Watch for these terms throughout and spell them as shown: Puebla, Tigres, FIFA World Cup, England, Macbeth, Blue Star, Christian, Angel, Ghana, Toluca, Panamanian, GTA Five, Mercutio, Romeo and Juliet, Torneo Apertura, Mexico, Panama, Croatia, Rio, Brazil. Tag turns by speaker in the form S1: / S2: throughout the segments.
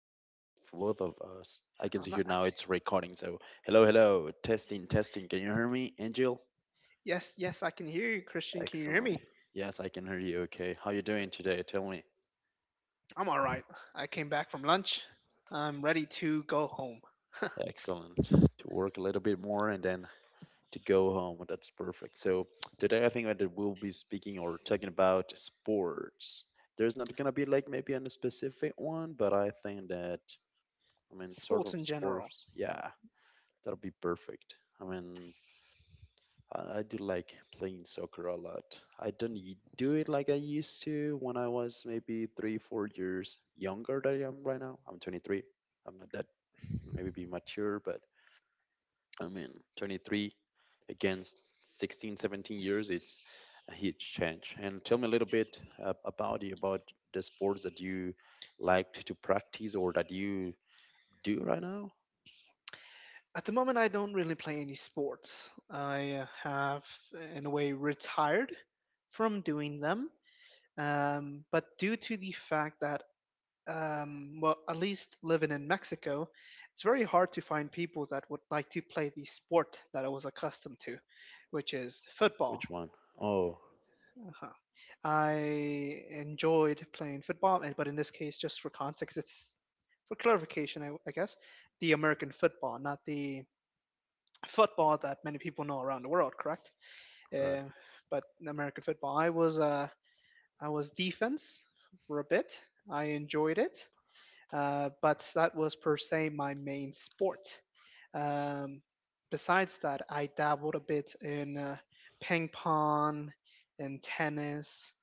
S1: for both of us. I can
S2: I'm
S1: see
S2: not.
S1: here now it's recording. So hello, hello, testing, testing. Can you hear me, Angel?
S2: Yes, yes, I can hear you, Christian. Can you hear
S1: Excellent.
S2: me?
S1: Yes, I can hear you. Okay. How you doing today? Tell me.
S2: I'm all right. I came back from lunch. I'm ready to go home.
S1: Excellent. To work a little bit more and then to go home. That's perfect. So today I think that we'll be speaking or talking about sports. There's not gonna be like maybe a specific one, but I think that I mean sort
S2: Sports
S1: of
S2: in general.
S1: sports. Yeah, that'll be perfect. I mean, I do like playing soccer a lot. I don't do it like I used to when I was maybe three, 4 years younger than I am right now. I'm 23. I'm not that maybe mature, but I mean, 23 against 16, 17 years, it's a huge change. And tell me a little bit about you, about the sports that you liked to practice or that you do right now.
S2: At the moment, I don't really play any sports. I have, in a way, retired from doing them. But due to the fact that well, at least living in Mexico, it's very hard to find people that would like to play the sport that I was accustomed to, which is football.
S1: Which one? Oh,
S2: Uh-huh. I enjoyed playing football, and but in this case, just for context, it's for clarification, I guess, the American football, not the football that many people know around the world, correct?
S1: right.
S2: Uh, but American football, I was defense for a bit. I enjoyed it. But that was per se my main sport. Um, besides that, I dabbled a bit in ping pong and tennis,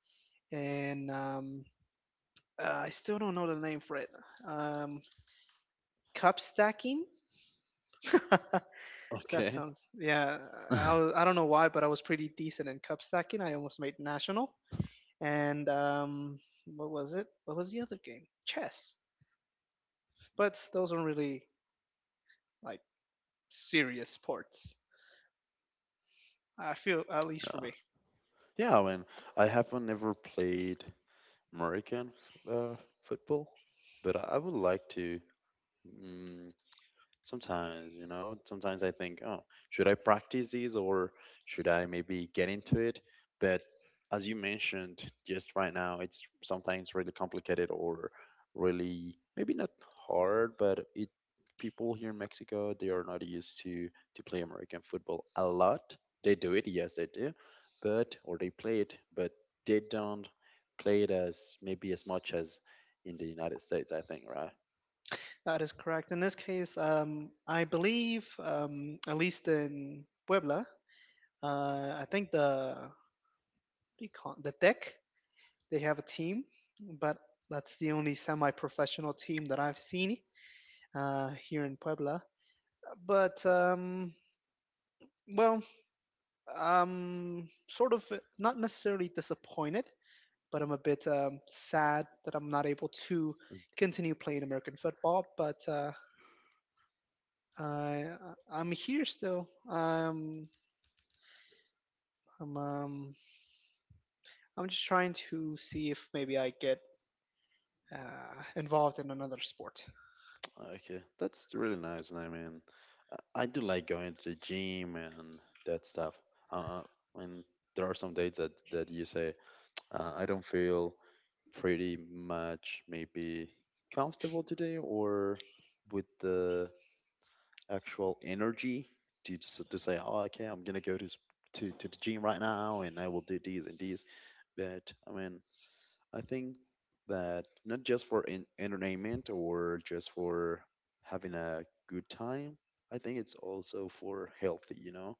S2: and I still don't know the name for it. Um, Cup stacking. That
S1: Okay.
S2: sounds yeah. I don't know why, but I was pretty decent in cup stacking. I almost made national. And What was it? What was the other game? Chess. But those aren't really like serious sports. I feel, at least for me,
S1: Yeah, I mean, I haven't ever played American f- uh, football, but I would like to. mm, Sometimes, you know, sometimes I think, oh, should I practice these or should I maybe get into it? But as you mentioned just right now, it's sometimes really complicated or really maybe not hard, but it people here in Mexico, they are not used to play American football a lot. They do it, yes, they do, but or they play it, but they don't play it as maybe as much as in the United States, I think, right?
S2: that is correct. In this case, I believe, at least in Puebla, I think the what do you call it? The deck they have a team, but that's the only semi-professional team that I've seen here in Puebla. But well, sort of not necessarily disappointed, but I'm a bit sad that I'm not able to continue playing American football. But I I'm here still. I'm um I'm just trying to see if maybe I get involved in another sport.
S1: Okay, that's really nice. And I mean, I do like going to the gym and that stuff. Uh, uh, and there are some days that you say, I don't feel pretty much maybe comfortable today, or with the actual energy to just to say, oh, okay, I'm gonna go to to the gym right now, and I will do these and these. But I mean, I think that not just for in entertainment or just for having a good time, I think it's also for healthy, you know,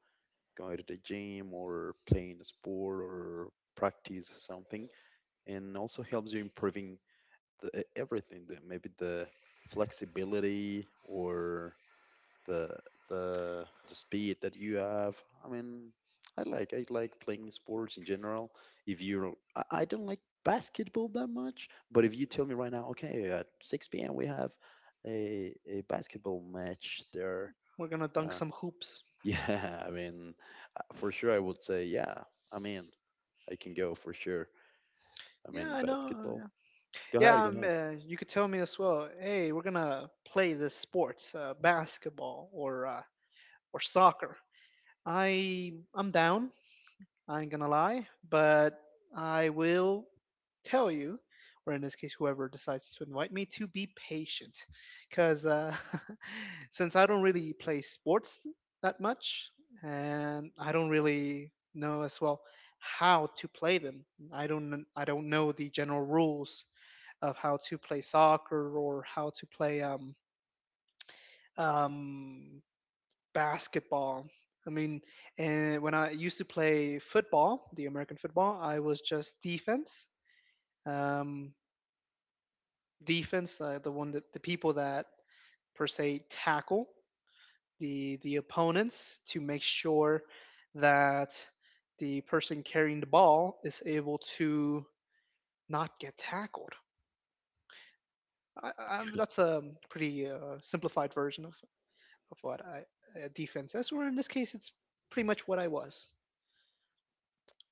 S1: going to the gym or playing a sport or practice something, and also helps you improving the, everything, the, maybe the flexibility or the the the speed that you have. I mean, I like playing sports in general. If you, I don't like basketball that much, but if you tell me right now, okay, at 6 p.m. we have a basketball match there.
S2: We're gonna dunk
S1: Uh,
S2: some hoops.
S1: yeah, I mean, for sure I would say yeah. I mean, I can go for sure. I
S2: Yeah,
S1: mean,
S2: I know.
S1: basketball.
S2: Yeah,
S1: Go
S2: yeah
S1: ahead, go ahead.
S2: you could tell me as well. Hey, we're gonna play this sport, basketball or or soccer. I'm down. I ain't gonna lie, but I will tell you, or in this case, whoever decides to invite me, to be patient, because since I don't really play sports that much, and I don't really know as well how to play them. I don't know the general rules of how to play soccer or how to play um basketball. I mean, and when I used to play football, the American football, I was just defense. Um, defense, the one that the people that per se tackle the opponents to make sure that the person carrying the ball is able to not get tackled. That's a pretty simplified version of what defense is, or in this case, it's pretty much what I was.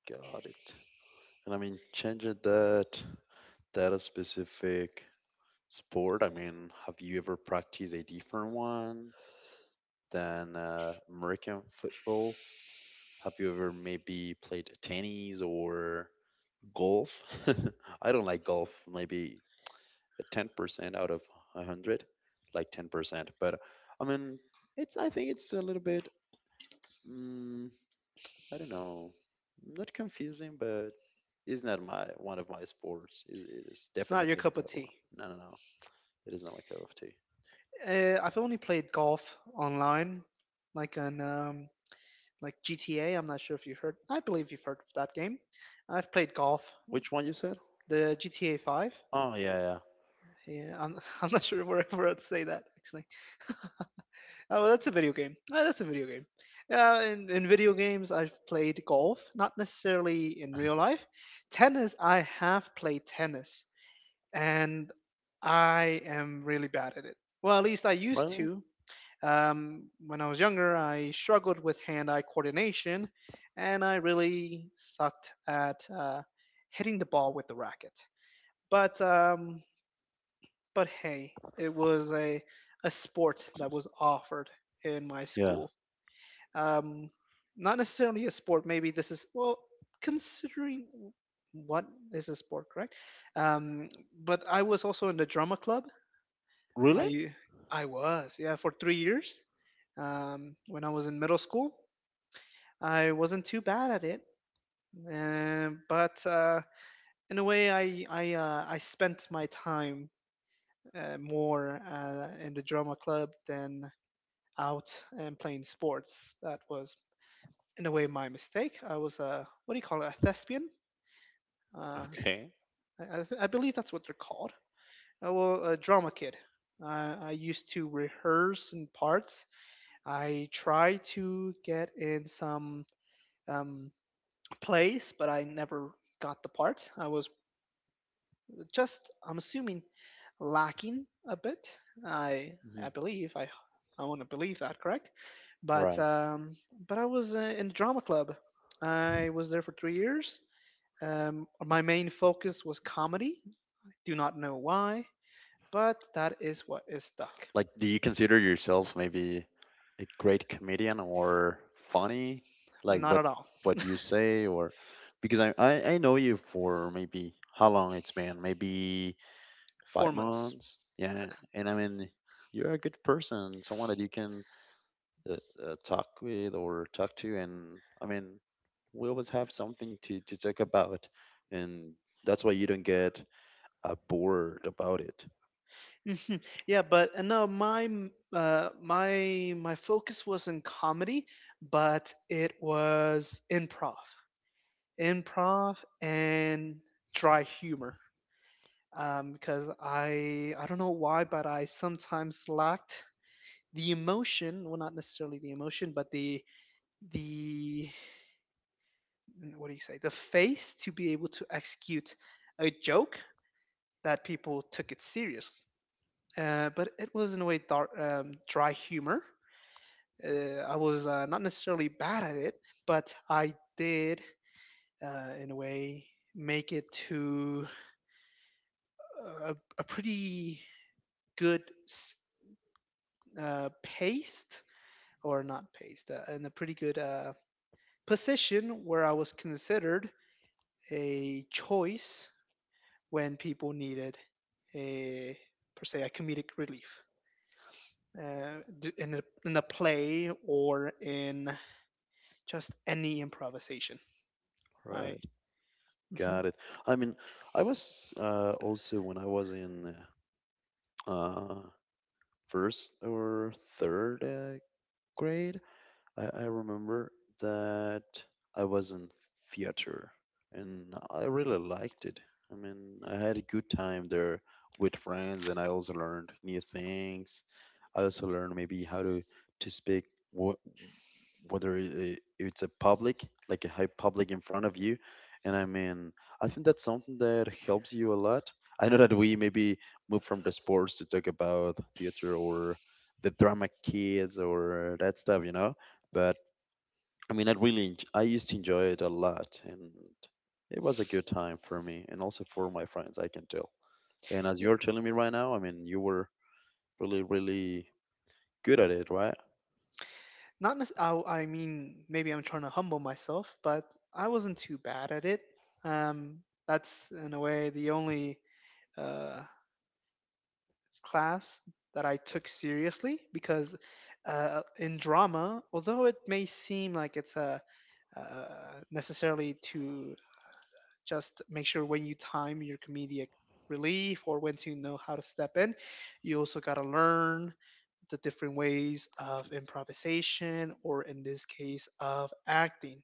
S1: Got it. And I mean, changing that specific sport, I mean, have you ever practiced a different one than American football? Have you ever maybe played tennis or golf? I don't like golf, maybe a 10% out of 100, like 10%. But I mean, it's I think it's a little bit mm, I don't know, not confusing, but it's not my one of my sports. It is
S2: It's not your
S1: definitely
S2: cup of
S1: not
S2: tea.
S1: one. No, no, no. It is not my cup of tea.
S2: I've only played golf online, like on like GTA. I'm not sure if you heard. I believe you've heard of that game. I've played golf,
S1: Which one you said?
S2: the GTA Five.
S1: Oh yeah, yeah.
S2: I'm not sure where, where I'd say that actually. Oh, well, that's a video game. Oh, that's a video game. In video games, I've played golf, not necessarily in real life. Tennis, I have played tennis, and I am really bad at it. Well, at least I used
S1: Really?
S2: to. When I was younger, I struggled with hand eye coordination and I really sucked at hitting the ball with the racket. But, um, but hey, it was a sport that was offered in my
S1: Yeah.
S2: school. Um, Not necessarily a sport, maybe this is, well, considering what is a sport, correct? Um, but I was also in the drama club.
S1: Really?
S2: I I was yeah for 3 years. When I was in middle school, I wasn't too bad at it, but in a way, I spent my time more in the drama club than out and playing sports. That was in a way my mistake. I was a what do you call it? A thespian. Uh,
S1: Okay.
S2: I believe that's what they're called. I was a drama kid. I used to rehearse in parts I tried to get in some um, plays, but I never got the part. I was just, I'm assuming, lacking a bit. I
S1: Mhm.
S2: I believe I want to believe that, correct? But
S1: Right.
S2: um, but I was in the drama club. I was there for 3 years. My main focus was comedy. Do not know why, but that is what is stuck.
S1: Like, do you consider yourself maybe a great comedian or funny? Like
S2: Not at all.
S1: what you say or because I know you for maybe how long it's been? Maybe
S2: Four
S1: five
S2: months.
S1: months. Yeah. And I mean, you're a good person, someone that you can uh, talk with or talk to, and I mean, we always have something to talk about, and that's why you don't get bored about it.
S2: Mhm. Yeah, but no, my m- my my focus was in comedy, but it was improv and dry humor. Because I don't know why, but I sometimes lacked the emotion, well, not necessarily the emotion, but the what do you say, the face to be able to execute a joke that people took it serious. But it was in a way dark, dry humor. I was not necessarily bad at it, but I did, in a way, make it to a pretty good pace, or not pace, in a pretty good position where I was considered a choice when people needed a, per se, a comedic relief. Uh, in a play or in just any improvisation, I
S1: Right,
S2: Mhm.
S1: got it. I mean, I was also when I was in uh, first or third grade, I remember that I was in theater and I really liked it. I mean, I had a good time there with friends and I also learned new things. I also learned maybe how to speak what whether it's a public, like a high public in front of you. And I mean, I think that's something that helps you a lot. I know that we maybe move from the sports to talk about theater or the drama kids or that stuff, you know? But I mean, I really, I used to enjoy it a lot, and it was a good time for me and also for my friends. I can tell. And as
S2: Yeah,
S1: you're telling me right now, I mean, you were really good at it, right?
S2: not nec- I mean, maybe I'm trying to humble myself, but I wasn't too bad at it. Um, that's in a way the only uh, class that I took seriously because in drama, although it may seem like it's a necessarily to just make sure when you time your comedic relief or when to know how to step in, you also got to learn the different ways of improvisation, or in this case, of acting.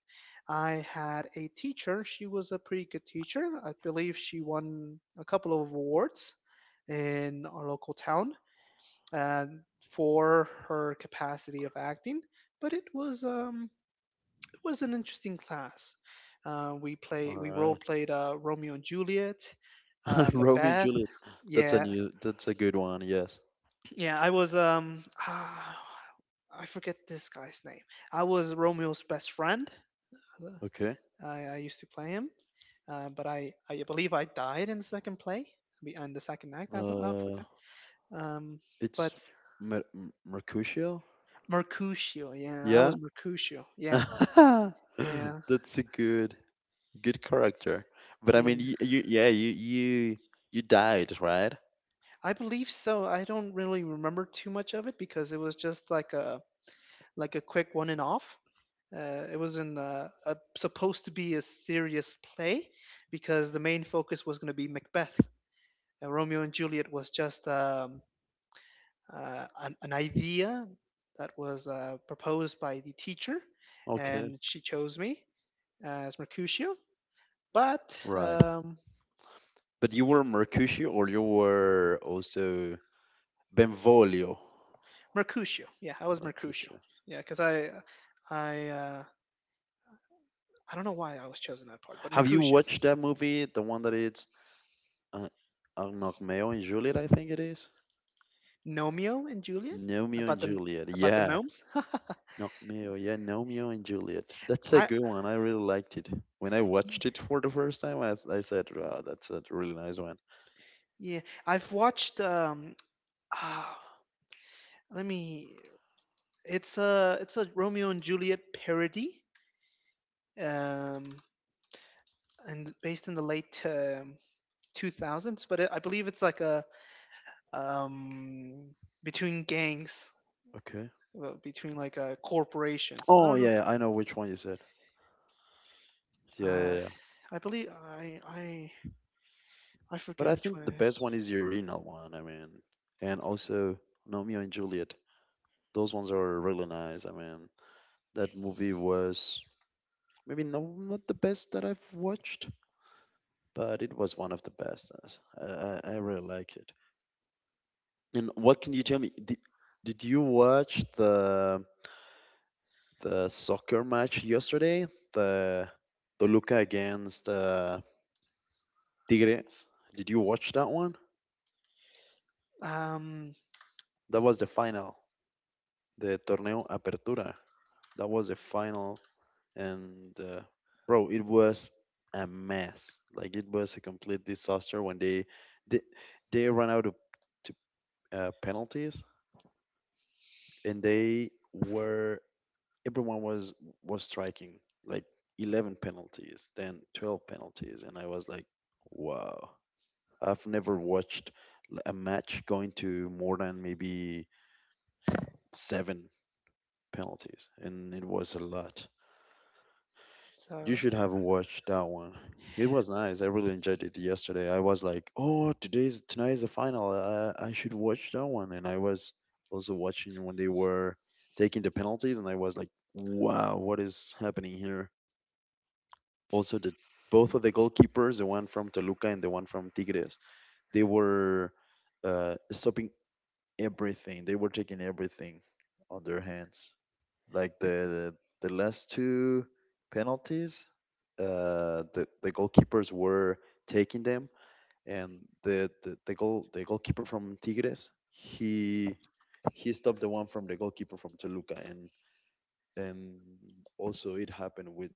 S2: I had a teacher. She was a pretty good teacher. I believe she won a couple of awards in our local town uh, for her capacity of acting. But it was an interesting class.
S1: All
S2: We role
S1: right,
S2: played Romeo and Juliet,
S1: Romeo and
S2: Macbeth.
S1: Juliet. That's a
S2: Yeah,
S1: new. That's a good one. Yes.
S2: Yeah, I was um ah, I forget this guy's name. I was Romeo's best friend.
S1: Okay.
S2: I used to play him, but I believe I died in the second play be- in the second act. That's I forgot.
S1: Uh,
S2: Um, but
S1: it's Mercutio.
S2: Mercutio, yeah, I
S1: Yeah.
S2: was Mercutio. Yeah, yeah,
S1: That's a good character. But I mean,
S2: yeah.
S1: you yeah, you died, right?
S2: I believe so. I don't really remember too much of it because it was just like a quick one and off. It was in supposed to be a serious play because the main focus was going to be Macbeth. Romeo and Juliet was just an idea that was proposed by the teacher,
S1: Okay.
S2: and she chose me as Mercutio. But
S1: Right.
S2: um,
S1: But you were Mercutio or you were also Benvolio?
S2: Mercutio, yeah, I was Mercutio,
S1: Mercutio.
S2: yeah, because I, uh, I don't know why I was chosen that part, but
S1: Have you
S2: Mercutio,
S1: watched that movie? The one that it's uh, Romeo and Juliet, I think it is.
S2: Nomeo and Juliet
S1: Romeo and
S2: about the
S1: Juliet.
S2: about the
S1: Yeah.
S2: gnomes.
S1: Romeo. Yeah, Romeo and Juliet. That's a
S2: I,
S1: good one. I really liked it. When I
S2: Y-
S1: watched it for the first time, I said, "Wow, that's a really nice one."
S2: Yeah, I've watched. Ah, let me. It's a Romeo and Juliet parody, um, and based in the late 2000s. But it, I believe it's like a um, between gangs,
S1: Okay.
S2: well, between like corporations. I
S1: Oh
S2: don't know.
S1: yeah, I know which one you said. Yeah,
S2: Uh,
S1: yeah, yeah.
S2: I believe I
S1: But
S2: forget
S1: I
S2: which one
S1: think the
S2: it
S1: best
S2: is.
S1: one is the original one. I mean, and also Romeo and Juliet. Those ones are really nice. I mean, that movie was maybe no, not the best that I've watched, but it was one of the best. I really like it. And what can you tell me? Did you watch the soccer match yesterday? The Toluca against Tigres. Did you watch that one?
S2: Um,
S1: That was the final, the Torneo Apertura. That was a final, and bro, it was a mess. Like it was a complete disaster when they they ran out of to, penalties, and they were everyone was striking like 11 penalties, then 12 penalties, and I was like, wow, I've never watched a match going to more than maybe 7 penalties, and it was a lot.
S2: so
S1: You should have watched that one. It was nice. I really enjoyed it yesterday. I was like, "Oh, today's tonight is the final. I should watch that one." And I was also watching when they were taking the penalties, and I was like, "Wow, what is happening here?" Also, the both of the goalkeepers, the one from Toluca and the one from Tigres, they were stopping everything. They were taking everything on their hands like the last two penalties, the, goalkeepers were taking them, and the the goal the goalkeeper from Tigres he stopped the one from the goalkeeper from Toluca, and and also it happened with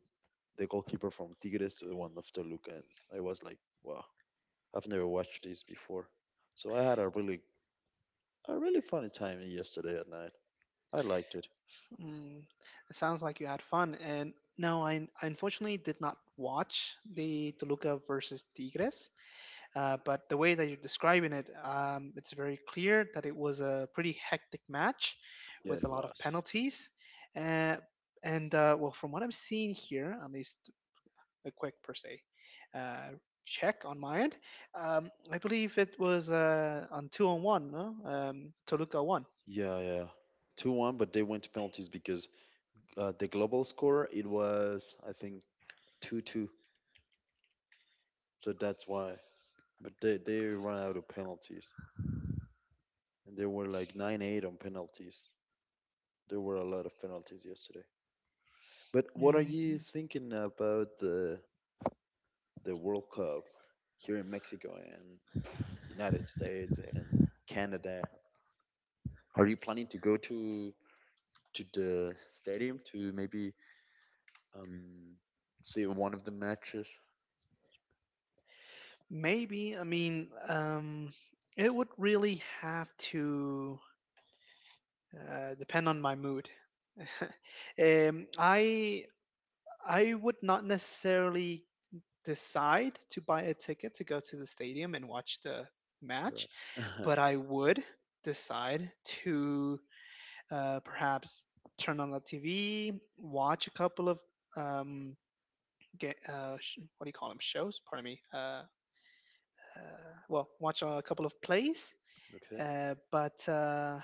S1: the goalkeeper from Tigres to the one of Toluca, and I was like, wow, I've never watched this before, so I had a really funny time yesterday at night. I liked it.
S2: Mm, it sounds like you had fun. And no, I unfortunately did not watch the Toluca versus Tigres. But the way that you're describing it, it's very clear that it was a pretty hectic match
S1: Yeah,
S2: with a
S1: it
S2: lot of
S1: was.
S2: penalties. Uh, from what I'm seeing here, at least a quick per se uh, check on my end, I believe it was on two on one, no? Toluca won.
S1: Yeah, yeah. 2-1, but they went to penalties because the global score it was I think 2-2. So that's why. But they ran out of penalties. And there were like 9-8 on penalties. There were a lot of penalties yesterday. But what are you thinking about the World Cup here in Mexico and United States and Canada? Are you planning to go to the stadium to maybe um see one of the matches?
S2: Maybe. I mean, it would really have to depend on my mood. um, I I would not necessarily decide to buy a ticket to go to the stadium and watch the
S1: Right.
S2: match, but I would decide to perhaps turn on the TV, watch a couple of um, get, sh- what do you call them shows? Pardon me. Watch a couple of plays.
S1: Okay.
S2: Uh, but uh,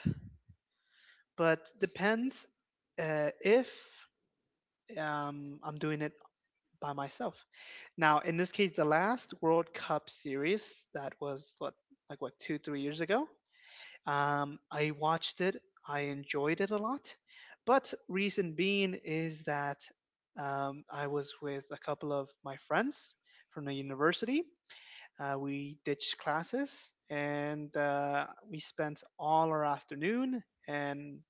S2: but depends if I'm doing it by myself. Now, in this case, the last World Cup series that was what like what 2 3 years ago. I watched it. I enjoyed it a lot. But reason being is that I was with a couple of my friends from the university. We ditched classes, and we spent all our afternoon and,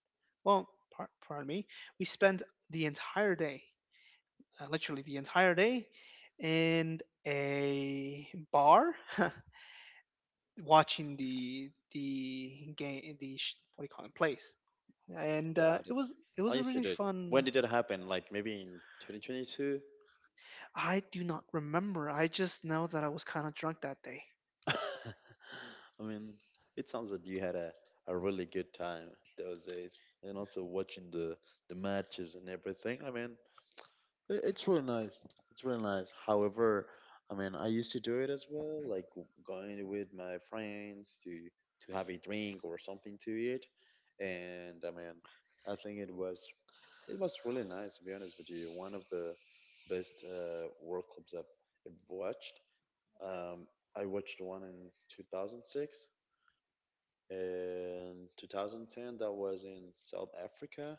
S2: well, pardon me, we spent the entire day, literally the entire day, in a bar watching the game, the what do you call it, plays. And
S1: Got it.
S2: it
S1: I
S2: was a
S1: used to
S2: really
S1: do it. When
S2: fun.
S1: did it happen? Like maybe in 2022?
S2: I do not remember. I just know that I was kind of drunk that day.
S1: I mean, it sounds that you had a really good time those days. And also watching the matches and everything. I mean, It- It's really nice. It's really nice. However, I mean, I used to do it as well, like going with my friends to have a drink or something to eat. And I mean, I think it was really nice to be honest with you. One of the best World Cups I've watched. Um, I watched one in 2006 and 2010 that was in South Africa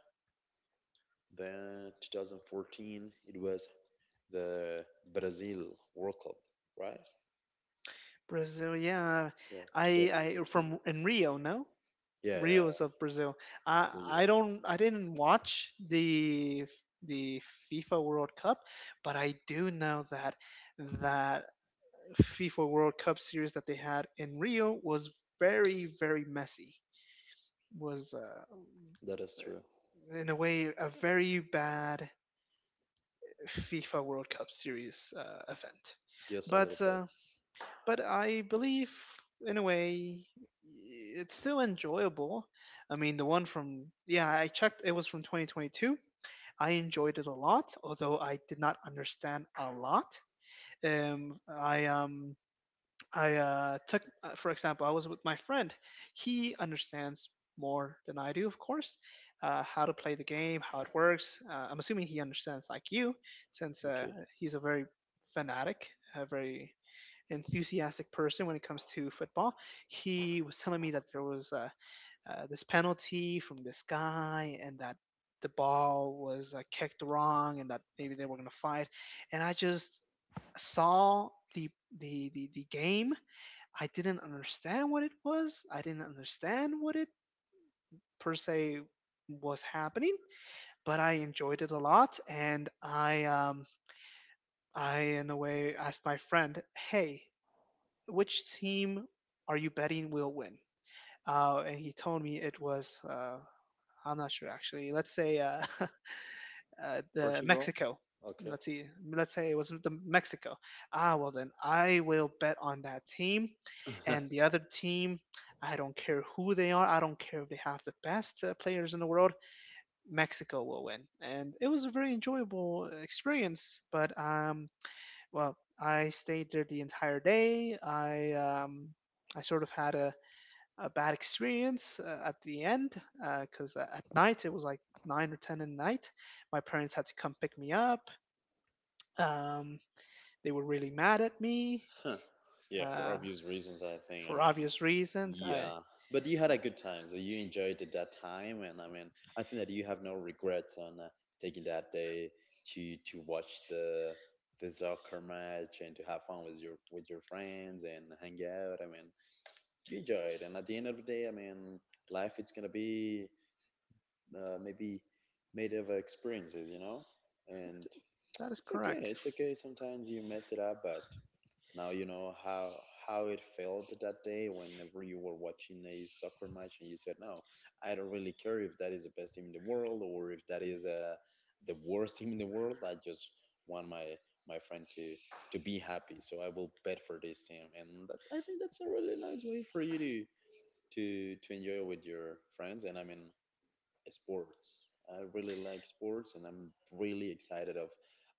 S1: then 2014, it was the Brazil World Cup, right?
S2: Brazil, yeah.
S1: Yeah,
S2: I
S1: 2014.
S2: from in Rio, no?
S1: Yeah, yeah,
S2: Rios
S1: yeah.
S2: of Brazil. I
S1: For
S2: don't I didn't watch the FIFA World Cup, but I do know that that FIFA World Cup series that they had in Rio was very, very messy. Was
S1: that is true.
S2: in a way a very bad FIFA World Cup series event.
S1: Yes, a little
S2: But
S1: bit.
S2: uh, but I believe in a way it's still enjoyable. I mean, the one from, yeah, I checked it was from 2022. I enjoyed it a lot, although I did not understand a lot. Um, I um I took for example, I was with my friend. He understands more than I do, of course. How to play the game, how it works. I'm assuming he understands like you, since
S1: Okay.
S2: he's a very fanatic, a very enthusiastic person when it comes to football. He was telling me that there was this penalty from this guy, and that the ball was kicked wrong, and that maybe they were going to fight. And I just saw the game. I didn't understand what it was. I didn't understand what it, per se, was happening, but I enjoyed it a lot. And I in a way asked my friend, "Hey, which team are you betting will win? And he told me it was, I'm not sure actually. Let's say the
S1: Portugal?
S2: Mexico.
S1: Okay.
S2: Let's see. Let's say it was the Mexico. Ah, well then I will bet on that team, and the other team. I don't care who they are. I don't care if they have the best players in the world. Mexico will win, and it was a very enjoyable experience. But well, I stayed there the entire day. I sort of had a bad experience at the end because at night it was like nine or ten at night. My parents had to come pick me up. Um, they were really mad at me
S1: Huh. Yeah, for
S2: uh,
S1: obvious reasons, I think. I
S2: for
S1: mean,
S2: obvious reasons. I,
S1: yeah. But you had a good time, so you enjoyed it that time, and I mean, I think that you have no regrets on taking that day to watch the soccer match and to have fun with your friends and hang out. I mean, you enjoyed, and at the end of the day, I mean, life it's gonna be maybe made of experiences, you know, and
S2: that is
S1: it's okay.
S2: correct.
S1: It's okay. Sometimes you mess it up, but now you know how it felt that day whenever you were watching a soccer match and you said, "No, I don't really care if that is the best team in the world or if that is the worst team in the world. I just want my friend to be happy, so I will bet for this team." And that, I think that's a really nice way for you to enjoy with your friends. And I mean, sports. I really like sports, and I'm really excited of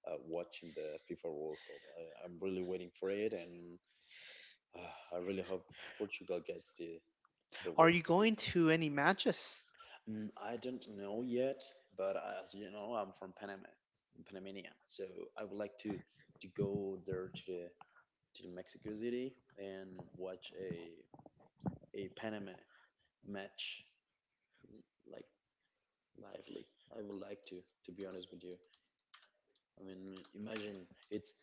S1: watching the FIFA World Cup. I'm really waiting for it, and I really hope Portugal gets the
S2: Are
S1: World
S2: you
S1: Cup.
S2: going to any matches?
S1: Mm, I don't know yet, but as you know, I'm from Panama, I'm Panamanian, so I would like to go there to the Mexico City and watch a Panama match like lively. I would like to be honest with you. I mean, imagine it's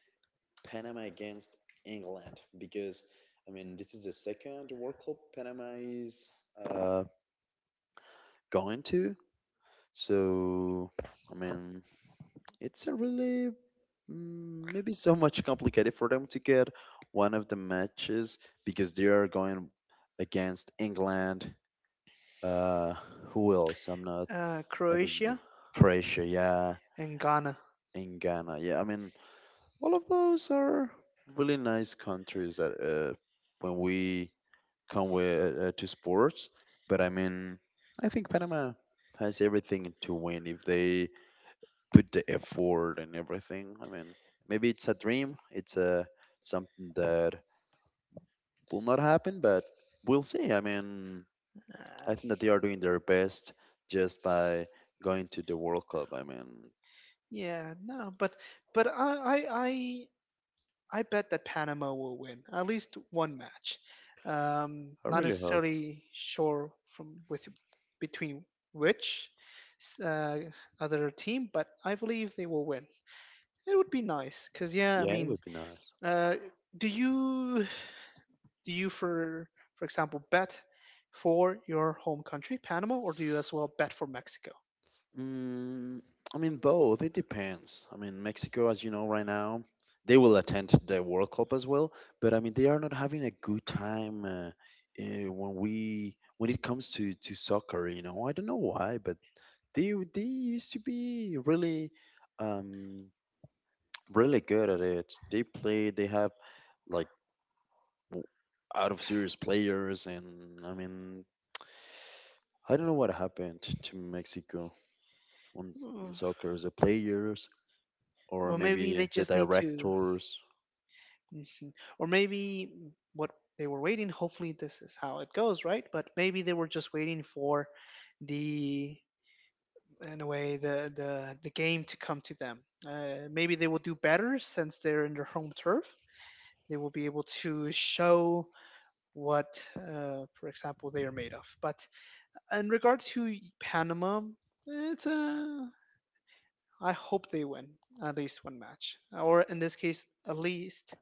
S1: Panama against England because I mean this is the second World Cup Panama is uh, going to. So, I mean, it's a really mm, maybe so much complicated for them to get one of the matches because they are going against England. Uh, who else? I'm not. I don't know.
S2: Croatia
S1: Croatia, yeah,
S2: and Ghana.
S1: and Ghana, yeah. I mean, all of those are really nice countries that when we come with, to sports. But I mean, I think Panama has everything to win if they put the effort and everything. I mean, maybe it's a dream. It's a something that will not happen, but we'll see. I mean,
S2: Uh,
S1: I think that they are doing their best just by going to the World Cup. I mean,
S2: yeah, no, but but I bet that Panama will win at least one match.
S1: I
S2: Not
S1: really hope.
S2: necessarily sure from, with, between which uh, other team, but I believe they will win. It would be nice because, yeah, I
S1: Yeah, it
S2: mean,
S1: would be nice.
S2: uh, do you do you for example, bet for your home country Panama, or do you as well bet for Mexico?
S1: Mm, I mean, both. It depends. I mean, Mexico, as you know, right now, they will attend the World Cup as well. But I mean, they are not having a good time when we when it comes to soccer. You know, I don't know why, but they used to be really, um, really good at it. They play. They have like w- out of series players, and I mean, I don't know what happened to Mexico on,
S2: Mm,
S1: on soccer. The players, or
S2: well, maybe they
S1: maybe the
S2: just need to.
S1: directors.
S2: Mhm. Or maybe what they were waiting, hopefully this is how it goes, right? But maybe they were just waiting for the, in a way, the the game to come to them. Maybe they will do better since they're in their home turf. They will be able to show what, for example, they are made of. But in regard to Panama, it's a, I hope they win at least one match, or in this case, at least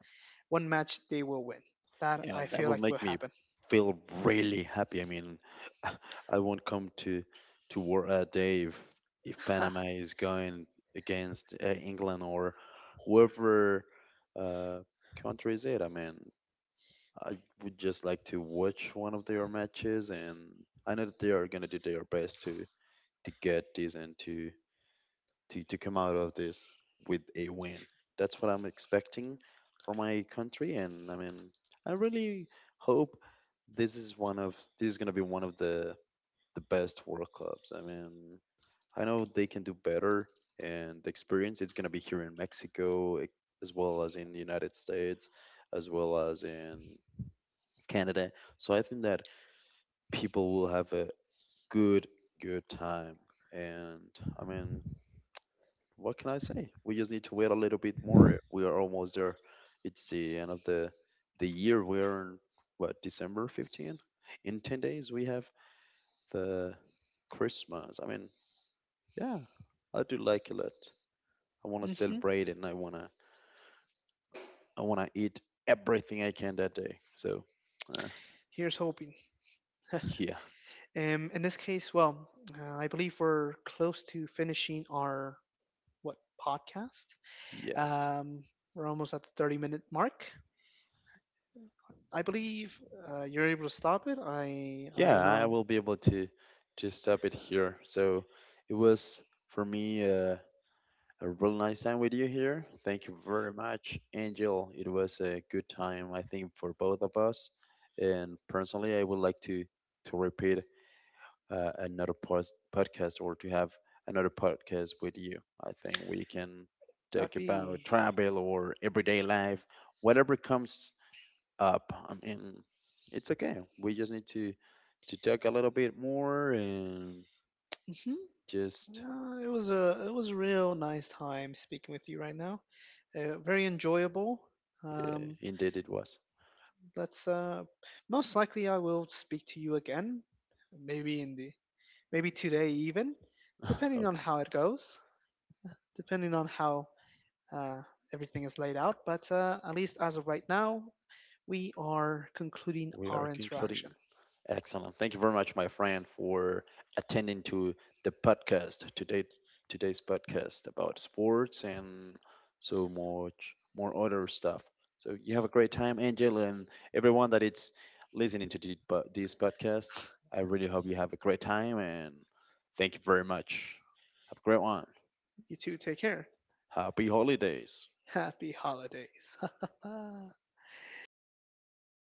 S2: one match they will win. That
S1: Yeah,
S2: I
S1: that
S2: feel
S1: will
S2: like will
S1: make me
S2: happen.
S1: feel really happy. I mean, I won't come to work a day if Panama is going against England or whoever uh, country is it. I mean, I would just like to watch one of their matches, and I know that they are gonna do their best to get this and to come out of this with a win. That's what I'm expecting from my country, and I mean, I really hope this is gonna be one of the best World Cups. I mean, I know they can do better, and the experience it's gonna be here in Mexico as well as in the United States, as well as in Canada. So I think that people will have a good good time, and I mean, what can I say? We just need to wait a little bit more. We are almost there. It's the end of the year. We are in what, December 15th. In 10 days we have the Christmas. I mean, yeah, I do like it a lot. I want to
S2: hmm
S1: celebrate it, and I want to eat everything I can that day. So, uh,
S2: Here's hoping.
S1: yeah.
S2: In this case, well, I believe we're close to finishing our, what, podcast.
S1: Yes.
S2: Um, we're almost at the 30-minute mark. I believe you're able to stop it. I
S1: Yeah,
S2: don't
S1: I
S2: know.
S1: will be able to stop it here. So, it was for me a real nice time with you here. Thank you very much, Angel. It was a good time, I think, for both of us. And personally, I would like to repeat podcast or to have another podcast with you. I think we can talk
S2: That'd
S1: about
S2: be.
S1: travel or everyday life, whatever comes up. I mean, it's okay. We just need to talk a little bit more and
S2: Hmm.
S1: just
S2: It was a it was a real nice time speaking with you right now. Very enjoyable.
S1: yeah,
S2: Um,
S1: indeed it was.
S2: Let's most likely I will speak to you again, maybe in the, maybe today even, depending on
S1: Okay,
S2: how it goes, depending on how uh, everything is laid out. But at least as of right now, we are concluding
S1: we are
S2: our
S1: concluding.
S2: interaction.
S1: Excellent. Thank you very much, my friend, for attending to the podcast today. Today's podcast about sports and so much more other stuff. So you have a great time, Angel, and everyone that is listening to this podcast. I really hope you have a great time, and thank you very much. Have a great one.
S2: You two take care.
S1: Happy holidays.
S2: Happy holidays.